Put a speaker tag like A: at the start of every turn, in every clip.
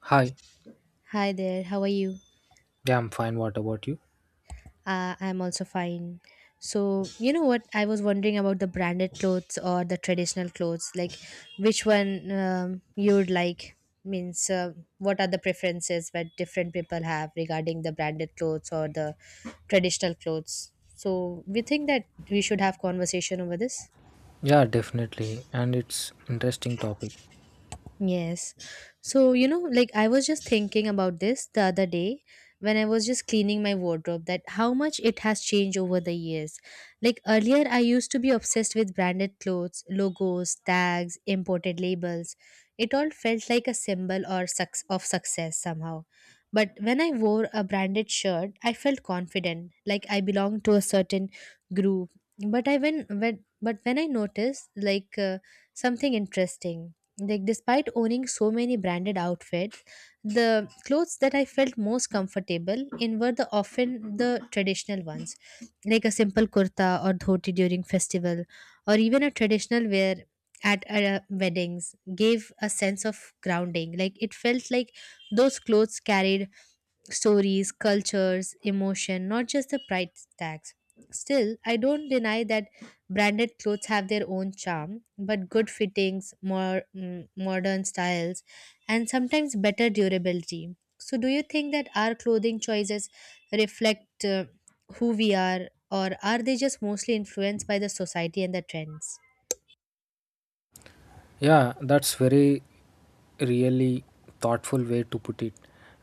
A: Hi.
B: Hi there, how are you?
A: Yeah, I'm fine. What about you?
B: I'm also fine. So, you know what? I was wondering about the branded clothes or the traditional clothes. Like, which one you would like? Means, what are the preferences that different people have regarding the branded clothes or the traditional clothes? So, we think that we should have conversation over this.
A: Yeah, definitely. And it's interesting topic.
B: Yes. So, you know, like I was just thinking about this the other day when I was just cleaning my wardrobe that how much it has changed over the years. Like earlier, I used to be obsessed with branded clothes, logos, tags, imported labels. It all felt like a symbol or of success somehow. But when I wore a branded shirt, I felt confident, like I belonged to a certain group. But I when but when I noticed like something interesting, like despite owning so many branded outfits, the clothes that I felt most comfortable in were the often the traditional ones, like a simple kurta or dhoti during festival or even a traditional wear at weddings, gave a sense of grounding. Like it felt like those clothes carried stories, cultures, emotion, not just the price tags. Still, I don't deny that branded clothes have their own charm, but good fittings, more modern styles, and sometimes better durability. So, do you think that our clothing choices reflect who we are, or are they just mostly influenced by the society and the trends?
A: Yeah, that's very really thoughtful way to put it.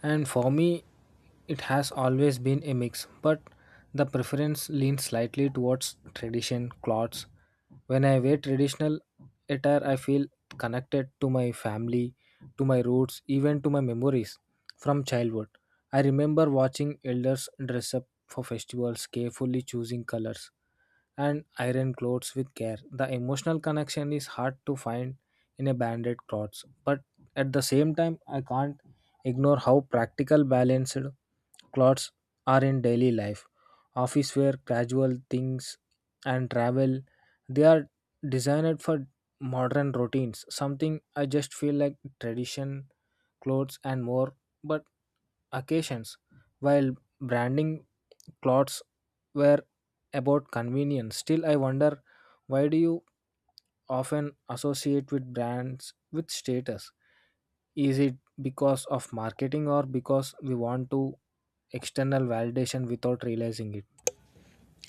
A: And for me, it has always been a mix, but the preference leans slightly towards tradition clothes. When I wear traditional attire, I feel connected to my family, to my roots, even to my memories from childhood. I remember watching elders dress up for festivals, carefully choosing colors and iron clothes with care. The emotional connection is hard to find in a banded clothes, but at the same time, I can't ignore how practical balanced clothes are in daily life. Office wear, casual things, and travel, they are designed for modern routines. Something I just feel like tradition clothes and more, but occasions, while branding clothes were about convenience. Still, I wonder why do you often associate with brands with status? Is it because of marketing or because we want to external validation without realizing it?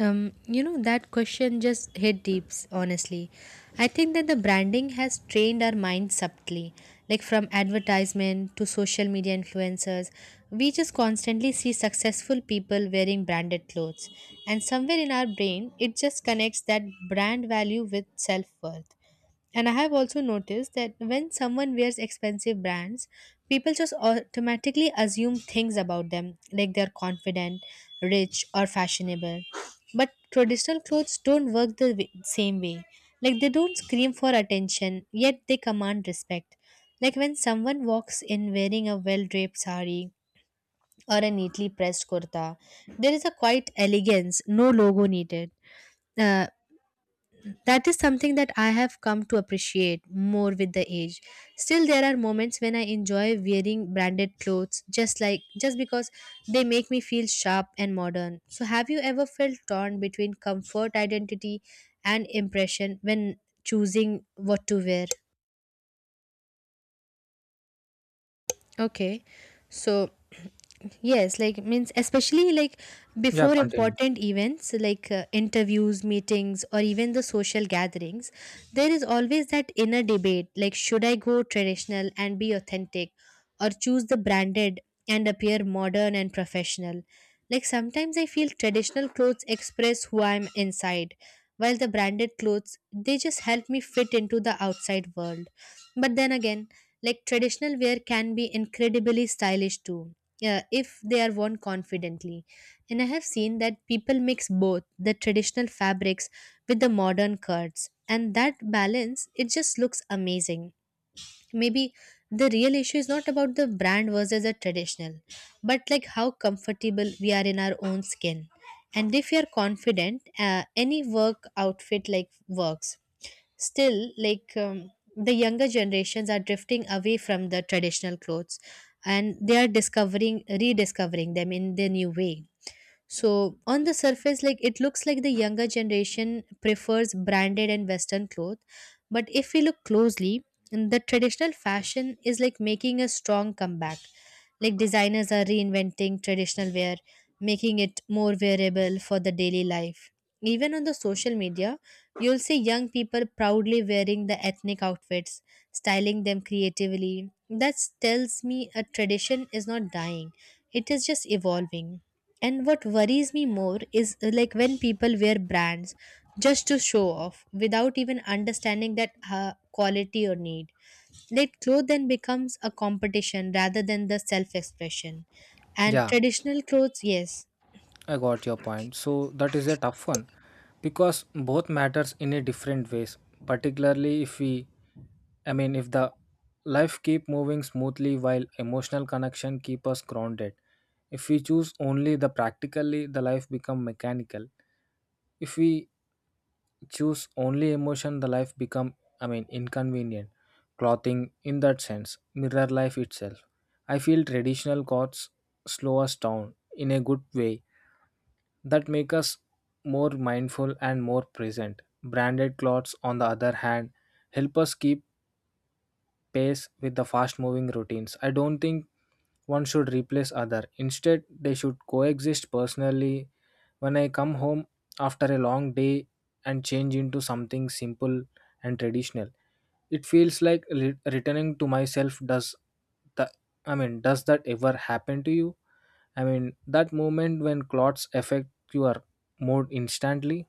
B: You know, that question just hit deeps, honestly. I think that the branding has trained our minds subtly. Like from advertisement to social media influencers, we just constantly see successful people wearing branded clothes. And somewhere in our brain, it just connects that brand value with self worth. And I have also noticed that when someone wears expensive brands, people just automatically assume things about them, like they're confident, rich, or fashionable. But traditional clothes don't work the way, same way. Like they don't scream for attention, yet they command respect. Like when someone walks in wearing a well draped sari or a neatly pressed kurta, there is a quiet elegance, no logo needed. Uh, that is something that I have come to appreciate more with the age. Still there are moments when I enjoy wearing branded clothes just because they make me feel sharp and modern. So have you ever felt torn between comfort identity and impression when choosing what to wear? Okay. So, yes, like means especially like
A: Yeah,
B: before
A: continue.
B: important events like interviews, meetings or even the social gatherings, there is always that inner debate like should I go traditional and be authentic or choose the branded and appear modern and professional. Like sometimes I feel traditional clothes express who I am inside, while the branded clothes they just help me fit into the outside world. But then again, like traditional wear can be incredibly stylish too, if they are worn confidently. And I have seen that people mix both the traditional fabrics with the modern cuts, and that balance it just looks amazing. Maybe the real issue is not about the brand versus the traditional, but like how comfortable we are in our own skin. And if you are confident, any work outfit like works. Still, like the younger generations are drifting away from the traditional clothes and they are discovering rediscovering them in their new way, so on the surface, like it looks like the younger generation prefers branded and Western clothes. But if we look closely, the traditional fashion is like making a strong comeback. Like designers are reinventing traditional wear, making it more wearable for the daily life. Even on the social media, you'll see young people proudly wearing the ethnic outfits, styling them creatively. That tells me a tradition is not dying, it is just evolving. And what worries me more is like when people wear brands just to show off without even understanding that quality or need. That clothes then becomes a competition rather than the self expression. And
A: Yeah.
B: traditional clothes, yes.
A: I got your point. So that is a tough one because both matters in a different ways, particularly if we I mean if the life keep moving smoothly while emotional connection keep us grounded. If we choose only the practically the life become mechanical. If we choose only emotion the life become inconvenient. Clothing in that sense, mirror life itself. I feel traditional gods slow us down in a good way that make us more mindful and more present. Branded clothes, on the other hand, help us keep pace with the fast moving routines. I don't think one should replace other. Instead, they should coexist personally. When I come home after a long day and change into something simple and traditional, it feels like returning to myself. Does the I mean, does that ever happen to you? That moment when clots affect your mood instantly.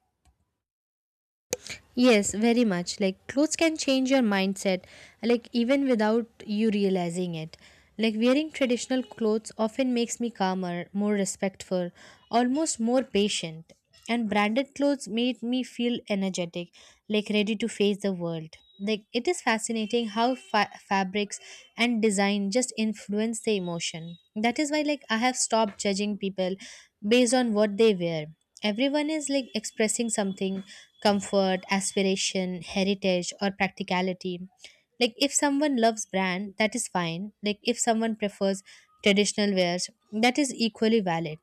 B: Yes, very much. Like clothes can change your mindset, like even without you realizing it. Like wearing traditional clothes often makes me calmer, more respectful, almost more patient. And branded clothes made me feel energetic, like ready to face the world. Like it is fascinating how fabrics and design just influence the emotion. That is why like I have stopped judging people based on what they wear. Everyone is like expressing something, comfort aspiration heritage or practicality. Like if someone loves brand that is fine, like if someone prefers traditional wares that is equally valid.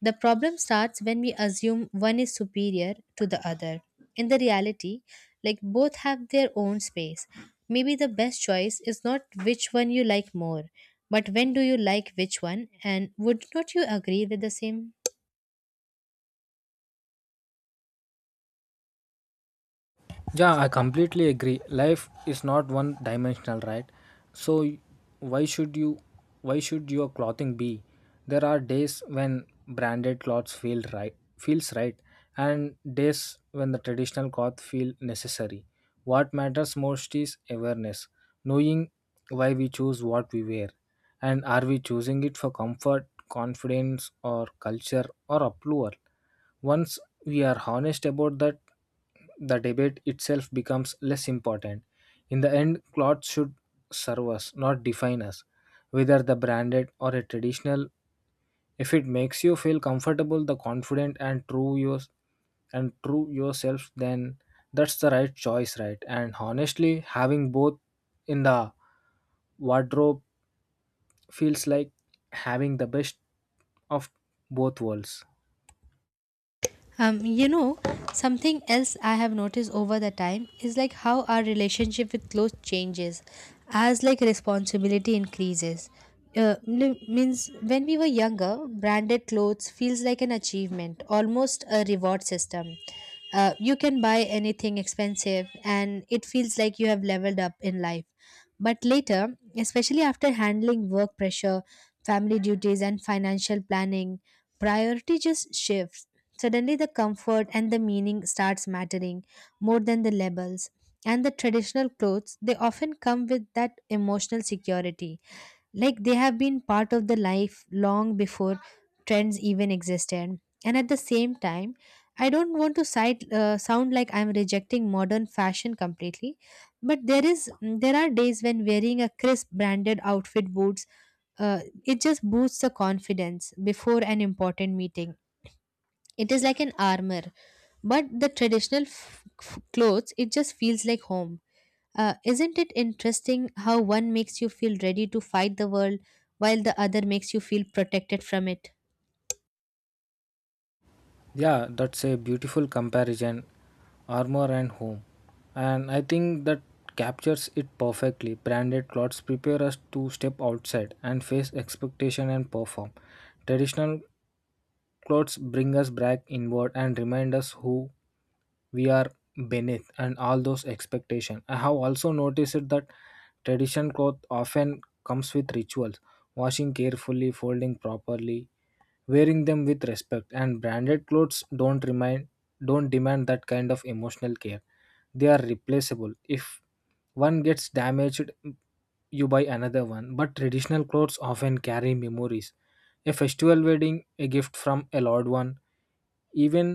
B: The problem starts when we assume one is superior to the other in the reality, like both have their own space. Maybe the best choice is not which one you like more, but when do you like which one, and would not you agree with the same?
A: Yeah, I completely agree. Life is not one dimensional, right? So why should you why should your clothing be? There are days when branded clothes feels right and days when the traditional cloth feel necessary. What matters most is awareness, knowing why we choose what we wear and are we choosing it for comfort, confidence or culture or approval. Once we are honest about that, the debate itself becomes less important. In the end, clothes should serve us, not define us, whether the branded or a traditional. If it makes you feel comfortable, the confident and true yourself, then that's the right choice, right? And honestly, having both in the wardrobe feels like having the best of both worlds.
B: You know, something else I have noticed over the time is like how our relationship with clothes changes as like responsibility increases. Means when we were younger, branded clothes feels like an achievement, almost a reward system. You can buy anything expensive and it feels like you have leveled up in life. But later, especially after handling work pressure, family duties, and financial planning, priority just shifts. Suddenly, the comfort and the meaning starts mattering more than the labels. And the traditional clothes, they often come with that emotional security. Like they have been part of the life long before trends even existed. And at the same time, I don't want to sound like I'm rejecting modern fashion completely, but there is there are days when wearing a crisp branded outfit boots uh, it just boosts the confidence before an important meeting. It is like an armor, but the traditional clothes, it just feels like home. Isn't it interesting how one makes you feel ready to fight the world while the other makes you feel protected from it?
A: Yeah, that's a beautiful comparison, armor and home. And I think that captures it perfectly. Branded clothes prepare us to step outside and face expectation and perform. Traditional clothes bring us back inward and remind us who we are beneath and all those expectations. I have also noticed that traditional cloth often comes with rituals, washing carefully, folding properly, wearing them with respect and branded clothes don't demand that kind of emotional care. They are replaceable if one gets damaged, you buy another one, but traditional clothes often carry memories, a festival, wedding, a gift from a loved one. Even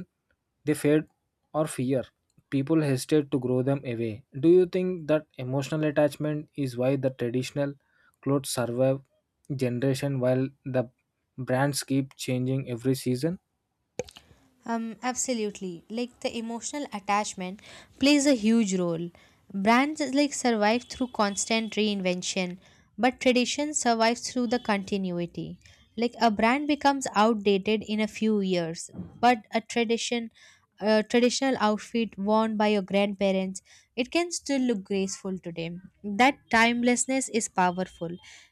A: they fade or fear, people hesitate to grow them away. Do you think that emotional attachment is why the traditional clothes survive generation while the brands keep changing every season?
B: Absolutely. Like the emotional attachment plays a huge role. Brands like survive through constant reinvention, but tradition survives through the continuity. Like a brand becomes outdated in a few years, but a tradition, a traditional outfit worn by your grandparents, it can still look graceful today. That timelessness is powerful.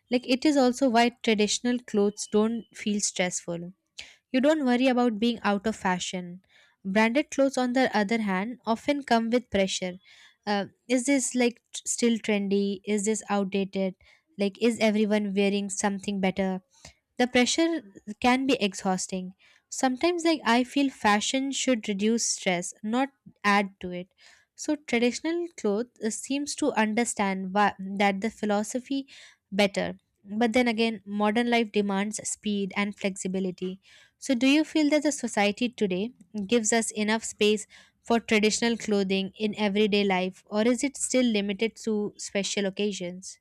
B: Like it is also why traditional clothes don't feel stressful, you don't worry about being out of fashion. Branded clothes, on the other hand, often come with pressure. Is this like still trendy? Is this outdated? Like, is everyone wearing something better? The pressure can be exhausting sometimes, like I feel fashion should reduce stress not add to it. So traditional clothes seems to understand that the philosophy better, but then again modern life demands speed and flexibility. So do you feel that the society today gives us enough space for traditional clothing in everyday life or is it still limited to special occasions?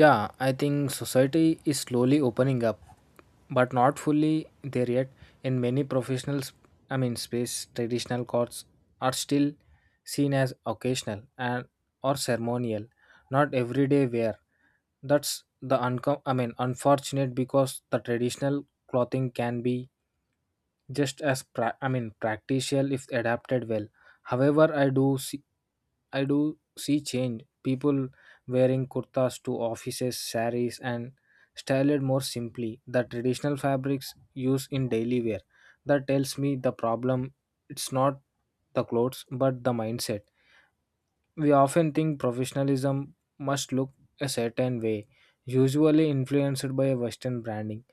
A: Yeah, I think society is slowly opening up but not fully there yet. In many professionals, space, traditional courts are still seen as occasional and or ceremonial, not everyday wear. That's the unfortunate because the traditional clothing can be just as practical if adapted well. However, I do see change. People wearing kurtas to offices, saris, and styled more simply. The traditional fabrics used in daily wear. That tells me the problem. It's not the clothes, but the mindset. We often think professionalism must look a certain way, usually influenced by Western branding.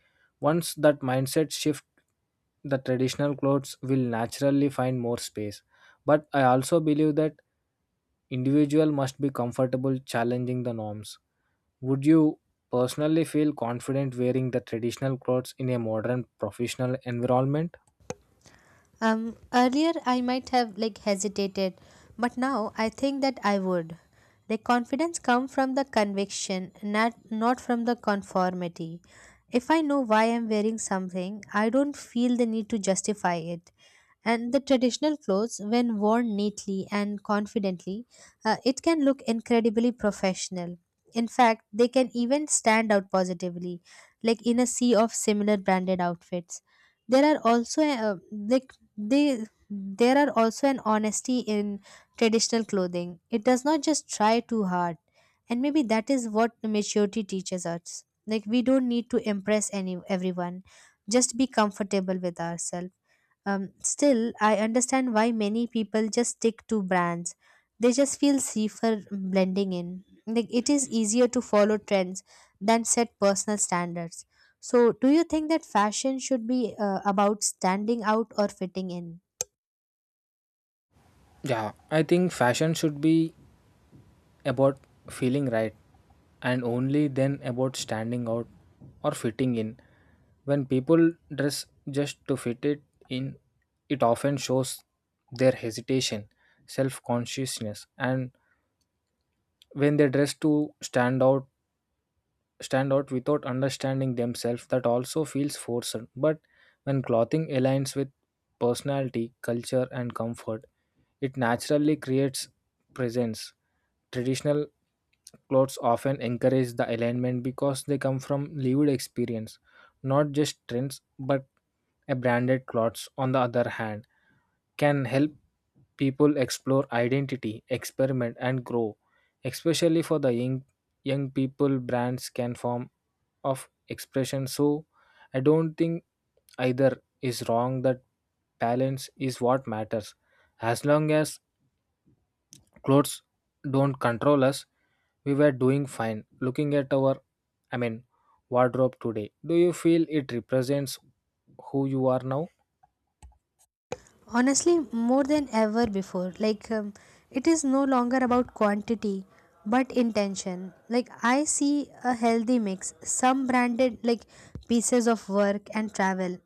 A: Once that mindset shift, the traditional clothes will naturally find more space. But I also believe that individual must be comfortable challenging the norms. Would you personally feel confident wearing the traditional clothes in a modern professional environment?
B: Earlier I might have like hesitated, but now I think that I would. The confidence comes from the conviction, not from the conformity. If I know why I'm wearing something, I don't feel the need to justify it. And the traditional clothes, when worn neatly and confidently, it can look incredibly professional. In fact, they can even stand out positively, like in a sea of similar branded outfits. there are also uh, like they there are also an honesty in traditional clothing, it does not just try too hard, and maybe that is what maturity teaches us, like we don't need to impress any everyone, just be comfortable with ourselves. Still, I understand why many people just stick to brands. They just feel safer blending in. Like it is easier to follow trends than set personal standards. So, do you think that fashion should be about standing out or fitting in?
A: Yeah, I think fashion should be about feeling right and only then about standing out or fitting in. When people dress just to fit it in, it often shows their hesitation, self consciousness, and when they dress to stand out without understanding themselves that also feels forced. But when clothing aligns with personality, culture, and comfort, it naturally creates presence. Traditional clothes often encourage the alignment because they come from lived experience, not just trends, but a branded clothes on the other hand can help people explore identity, experiment, and grow. Especially for the young people, brands can form of expression. So, I don't think either is wrong. That balance is what matters. As long as clothes don't control us, we were doing fine. Looking at our, I mean, wardrobe today, do you feel it represents who you are now?
B: Honestly, more than ever before. Like it is no longer about quantity but intention. Like I see a healthy mix, some branded like pieces of work and travel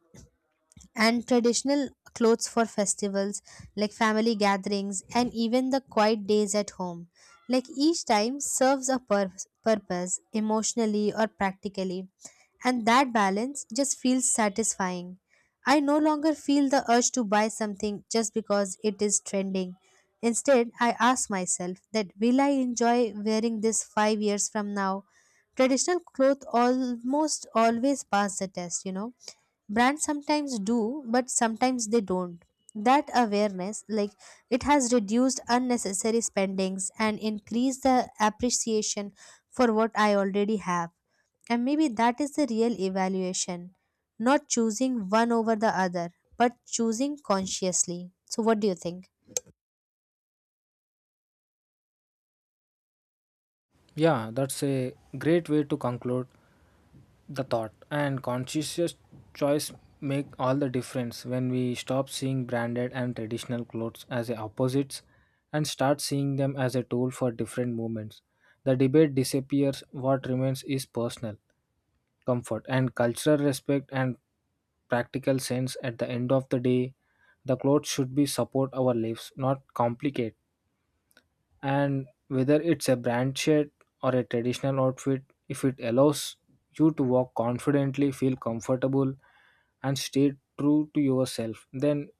B: and traditional clothes for festivals, like family gatherings and even the quiet days at home, like each time serves a purpose emotionally or practically, and that balance just feels satisfying. I no longer feel the urge to buy something just because it is trending, instead I ask myself that will I enjoy wearing this 5 years from now. Traditional clothes almost always pass the test, you know. Brands sometimes do but sometimes they don't. That awareness, like it has reduced unnecessary spendings and increased the appreciation for what I already have. And maybe that is the real evaluation, not choosing one over the other but choosing consciously. So what do you think?
A: Yeah, that's a great way to conclude the thought. And conscious choice make all the difference when we stop seeing branded and traditional clothes as a opposites and start seeing them as a tool for different movements. The debate disappears. What remains is personal comfort and cultural respect and practical sense. At the end of the day, the clothes should be support our lives, not complicate and whether it's a brand shirt or a traditional outfit, if it allows you to walk confidently, feel comfortable, and stay true to yourself, then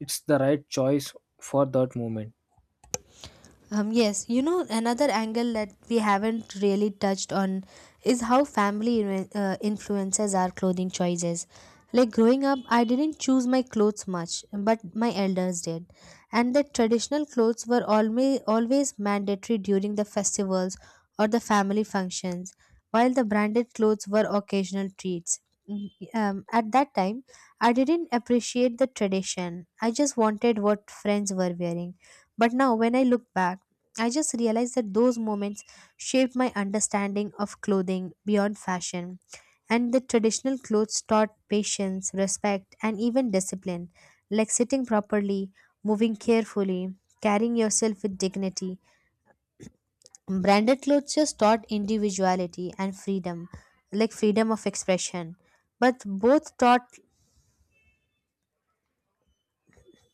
A: it's the right choice for that moment.
B: Yes, you know, another angle that we haven't really touched on is how family influences our clothing choices. Like growing up, I didn't choose my clothes much, but my elders did. And the traditional clothes were always, always mandatory during the festivals or the family functions, while the branded clothes were occasional treats. At that time, I didn't appreciate the tradition. I just wanted what friends were wearing. But now, when I look back, I just realized that those moments shaped my understanding of clothing beyond fashion. And the traditional clothes taught patience, respect, and even discipline, like sitting properly, moving carefully, carrying yourself with dignity. Branded clothes just taught individuality and freedom, like freedom of expression. But both taught,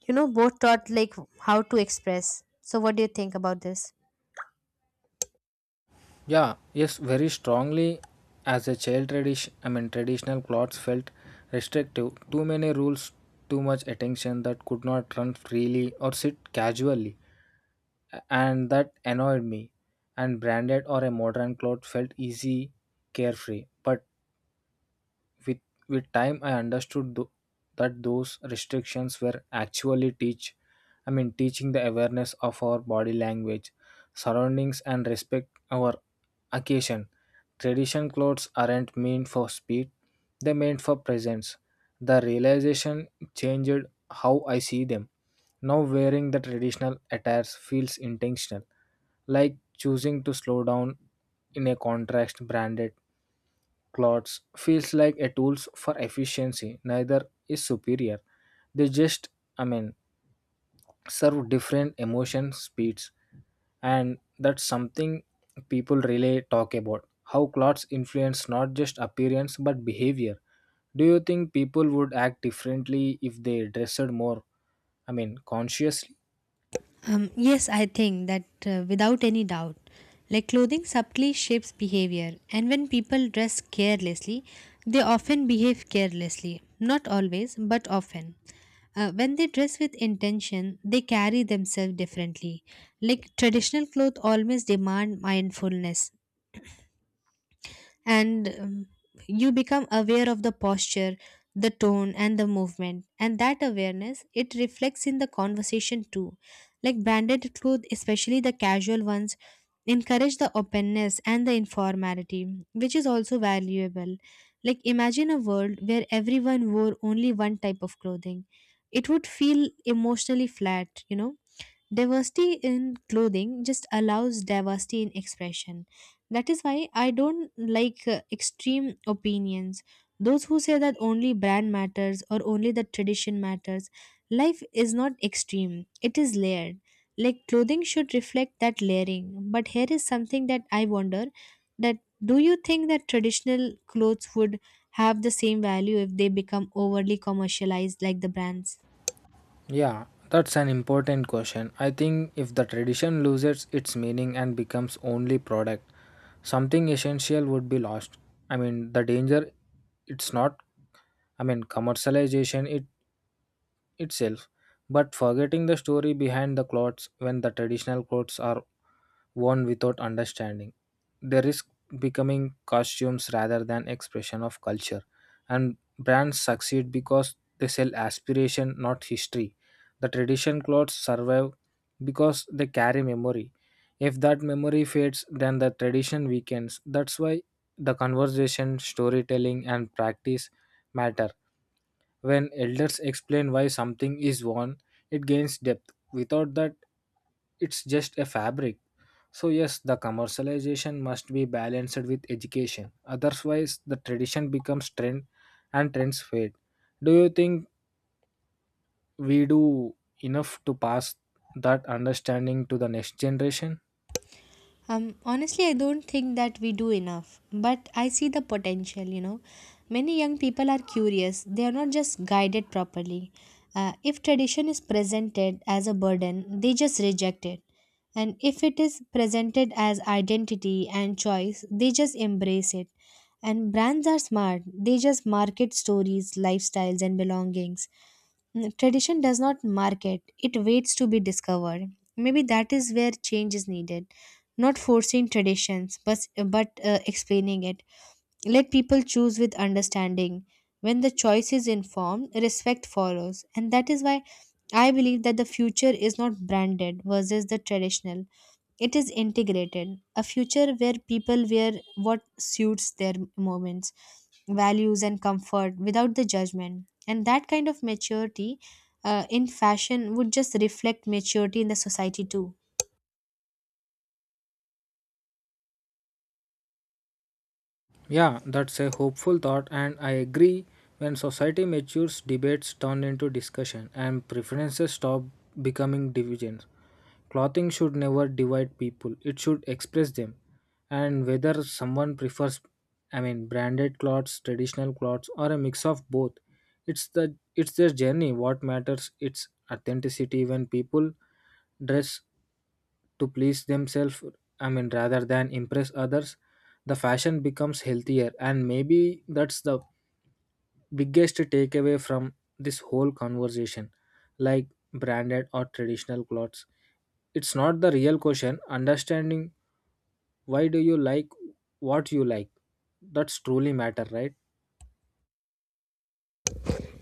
B: both taught like how to express. So, what do you think about this?
A: Yeah, yes, very strongly. As a child, traditional clothes felt restrictive. Too many rules, too much attention that could not run freely or sit casually. And that annoyed me. And branded or a modern cloth felt easy, carefree. But with, with time, I understood that those restrictions were actually teaching the awareness of our body language, surroundings, and respect our occasion. Tradition clothes aren't meant for speed; they are meant for presence. The realization changed how I see them. Now wearing the traditional attires feels intentional, like choosing to slow down. In a contrast, branded clothes feels like a tools for efficiency. Neither is superior, they just i mean serve different emotion speeds. And that's something people really talk about, how clothes influence not just appearance but behavior. Do you think people would act differently if they dressed more consciously?
B: Yes, I think that without any doubt. Like clothing subtly shapes behavior, and when people dress carelessly, they often behave carelessly. Not always, but often. When they dress with intention, they carry themselves differently. Like traditional clothes always demand mindfulness, and you become aware of the posture, the tone, and the movement, and that awareness, it reflects in the conversation too. Like branded clothes, especially the casual ones, encourage the openness and the informality, which is also valuable. Like imagine a world where everyone wore only one type of clothing. It would feel emotionally flat. Diversity in clothing just allows diversity in expression. That is why I don't like extreme opinions. Those who say that only brand matters or only the tradition matters. Life is not extreme, it is layered. Like clothing should reflect that layering. But here is something that I wonder, that do you think that traditional clothes would have the same value if they become overly commercialized like the brands?
A: Yeah, that's an important question. I think if the tradition loses its meaning and becomes only product, something essential would be lost. The danger it's not, commercialization it itself, but forgetting the story behind the clothes when the traditional clothes are worn without understanding. They risk becoming costumes rather than expression of culture. And brands succeed because they sell aspiration, not history. The tradition clothes survive because they carry memory. If that memory fades, then the tradition weakens. That's why the conversation, storytelling, and practice matter. When elders explain why something is worn, it gains depth. Without that, it's just a fabric. So, yes, the commercialization must be balanced with education. Otherwise, the tradition becomes trend and trends fade. Do you think we do enough to pass that understanding to the next generation?
B: Honestly, I don't think that we do enough, but I see the potential, you know. Many young people are curious, they are not just guided properly. If tradition is presented as a burden, they just reject it. And if it is presented as identity and choice, they just embrace it. And brands are smart, they just market stories, lifestyles, and belongings. Tradition does not market, it waits to be discovered. Maybe that is where change is needed. Not forcing traditions, but explaining it. Let people choose with understanding. When the choice is informed, respect follows. And that is why I believe that the future is not branded versus the traditional, it is integrated. A future where people wear what suits their moments, values, and comfort without the judgment. And that kind of maturity in fashion would just reflect maturity in the society too.
A: Yeah, that's a hopeful thought, and I agree. When society matures, debates turn into discussion, and preferences stop becoming divisions. Clothing should never divide people, it should express them. And whether someone prefers, branded clothes, traditional clothes, or a mix of both, it's their journey. What matters, it's authenticity. When people dress to please themselves, rather than impress others, the fashion becomes healthier, and maybe that's the biggest takeaway from this whole conversation, like branded or traditional clothes, it's not the real question, understanding why do you like what you like, that's truly matter, right?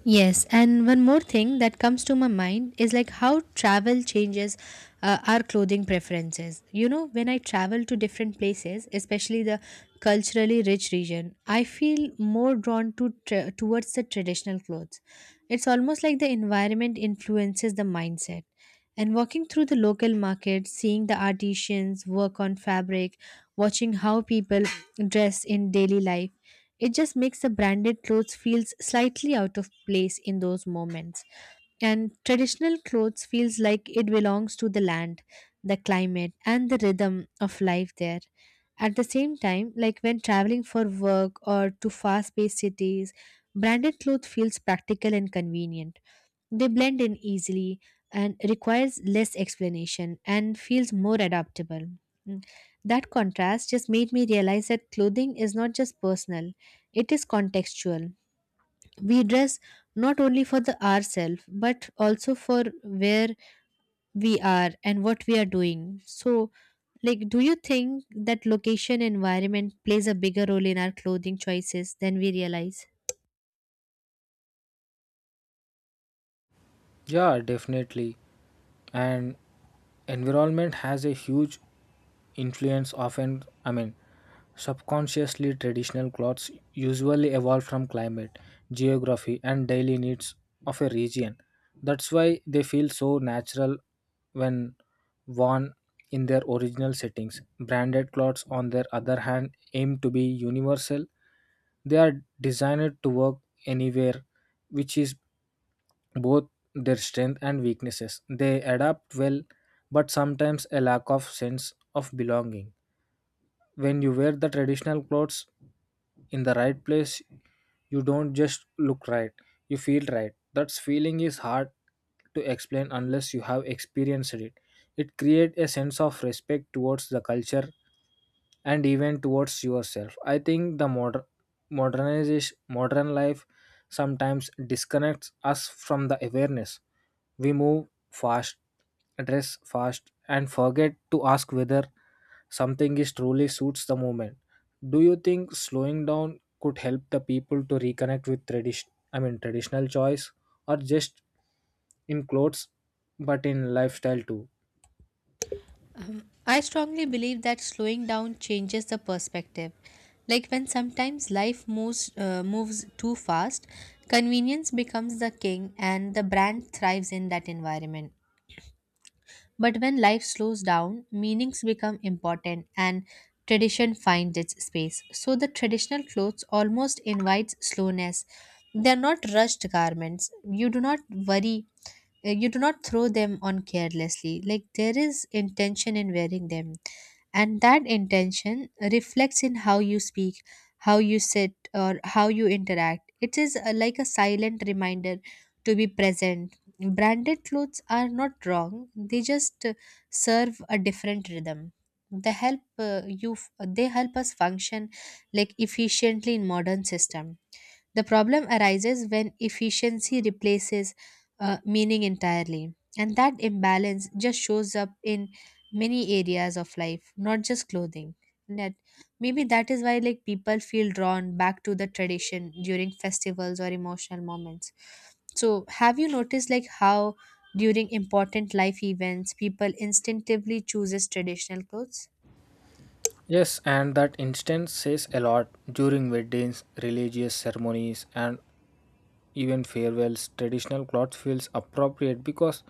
B: Yes, and one more thing that comes to my mind is like how travel changes our clothing preferences. You know, when I travel to different places, especially the culturally rich region, I feel more drawn to towards the traditional clothes. It's almost like the environment influences the mindset. And walking through the local market, seeing the artisans work on fabric, watching how people dress in daily life, it just makes the branded clothes feels slightly out of place in those moments. And traditional clothes feels like it belongs to the land, the climate, and the rhythm of life there. At the same time, like when traveling for work or to fast-paced cities, branded clothes feels practical and convenient. They blend in easily and requires less explanation and feels more adaptable. Mm. That contrast just made me realize that clothing is not just personal. It is contextual. We dress not only for the ourselves but also for where we are and what we are doing. So, like, do you think that location environment plays a bigger role in our clothing choices than we realize?
A: Yeah, definitely. And environment has a huge influence, often subconsciously. Traditional clothes usually evolve from climate, geography, and daily needs of a region. That's why they feel so natural when worn in their original settings. Branded clothes on their other hand aim to be universal. They are designed to work anywhere, which is both their strength and weaknesses. They adapt well, but sometimes a lack of sense of belonging. When you wear the traditional clothes in the right place, you don't just look right, you feel right. That feeling is hard to explain unless you have experienced it. It creates a sense of respect towards the culture and even towards yourself. I think the modernization modern life sometimes disconnects us from the awareness. We move fast, dress fast, and forget to ask whether something is truly suits the moment. Do you think slowing down could help the people to reconnect with tradition? Traditional choice, or just in clothes, but in lifestyle too?
B: I strongly believe that slowing down changes the perspective. Like when sometimes life moves moves too fast, convenience becomes the king and the brand thrives in that environment. But when life slows down, meanings become important and tradition finds its space. So the traditional clothes almost invites slowness. They are not rushed garments. You do not worry. You do not throw them on carelessly. Like there is intention in wearing them, and that intention reflects in how you speak, how you sit, or how you interact. It is a, like a silent reminder to be present. Branded clothes are not wrong, they just serve a different rhythm. They help they help us function like efficiently in modern system. The problem arises when efficiency replaces meaning entirely. And that imbalance just shows up in many areas of life, not just clothing. That Maybe that is why like people feel drawn back to the tradition during festivals or emotional moments. So have you noticed like how during important life events people instinctively chooses traditional clothes?
A: Yes, and that instance says a lot during weddings, religious ceremonies, and even farewells. Traditional clothes feels appropriate because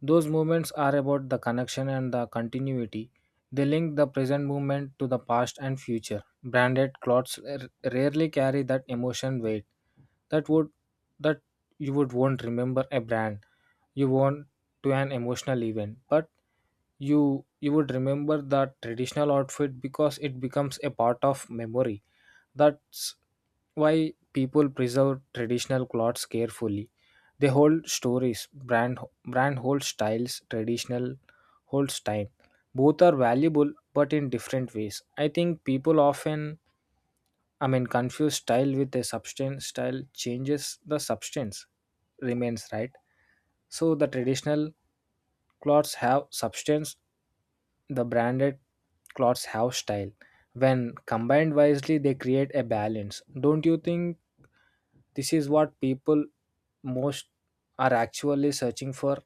A: those moments are about the connection and the continuity. They link the present moment to the past and future. Branded clothes rarely carry that emotion weight. That would that you would won't remember a brand you want to an emotional event, but you would remember that traditional outfit because it becomes a part of memory. That's why people preserve traditional clothes carefully, they hold stories. Brand holds styles, traditional holds time. Both are valuable but in different ways. I think people often confuse style with a substance. Style changes, the substance remains, right? So the traditional clothes have substance, the branded clothes have style. When combined wisely, they create a balance. Don't you think this is what people most are actually searching for,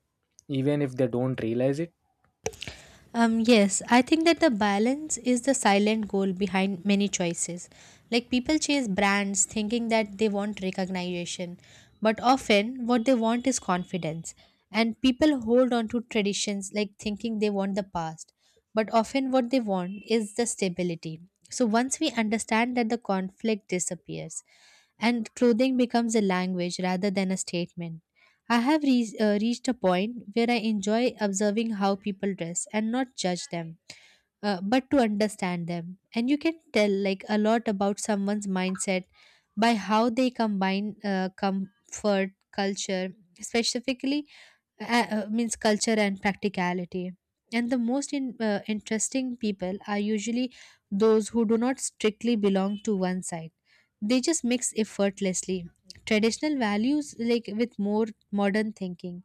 A: even if they don't realize it?
B: Yes, I think that the balance is the silent goal behind many choices. Like people chase brands thinking that they want recognition, but often what they want is confidence. And people hold on to traditions like thinking they want the past, but often what they want is the stability. So once we understand that, the conflict disappears and clothing becomes a language rather than a statement. I have reached a point where I enjoy observing how people dress and not judge them, but to understand them. And you can tell like a lot about someone's mindset by how they combine comfort, culture, specifically means culture and practicality. And the most interesting people are usually those who do not strictly belong to one side. They just mix effortlessly traditional values like with more modern thinking,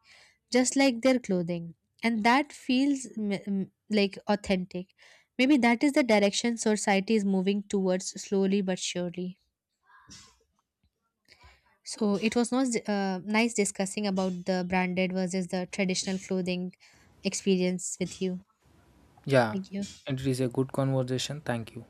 B: just like their clothing. And that feels like authentic. Maybe that is the direction society is moving towards slowly but surely. So it was not nice discussing about the branded versus the traditional clothing experience with you.
A: Yeah,
B: Thank you.
A: it is a good conversation. Thank you.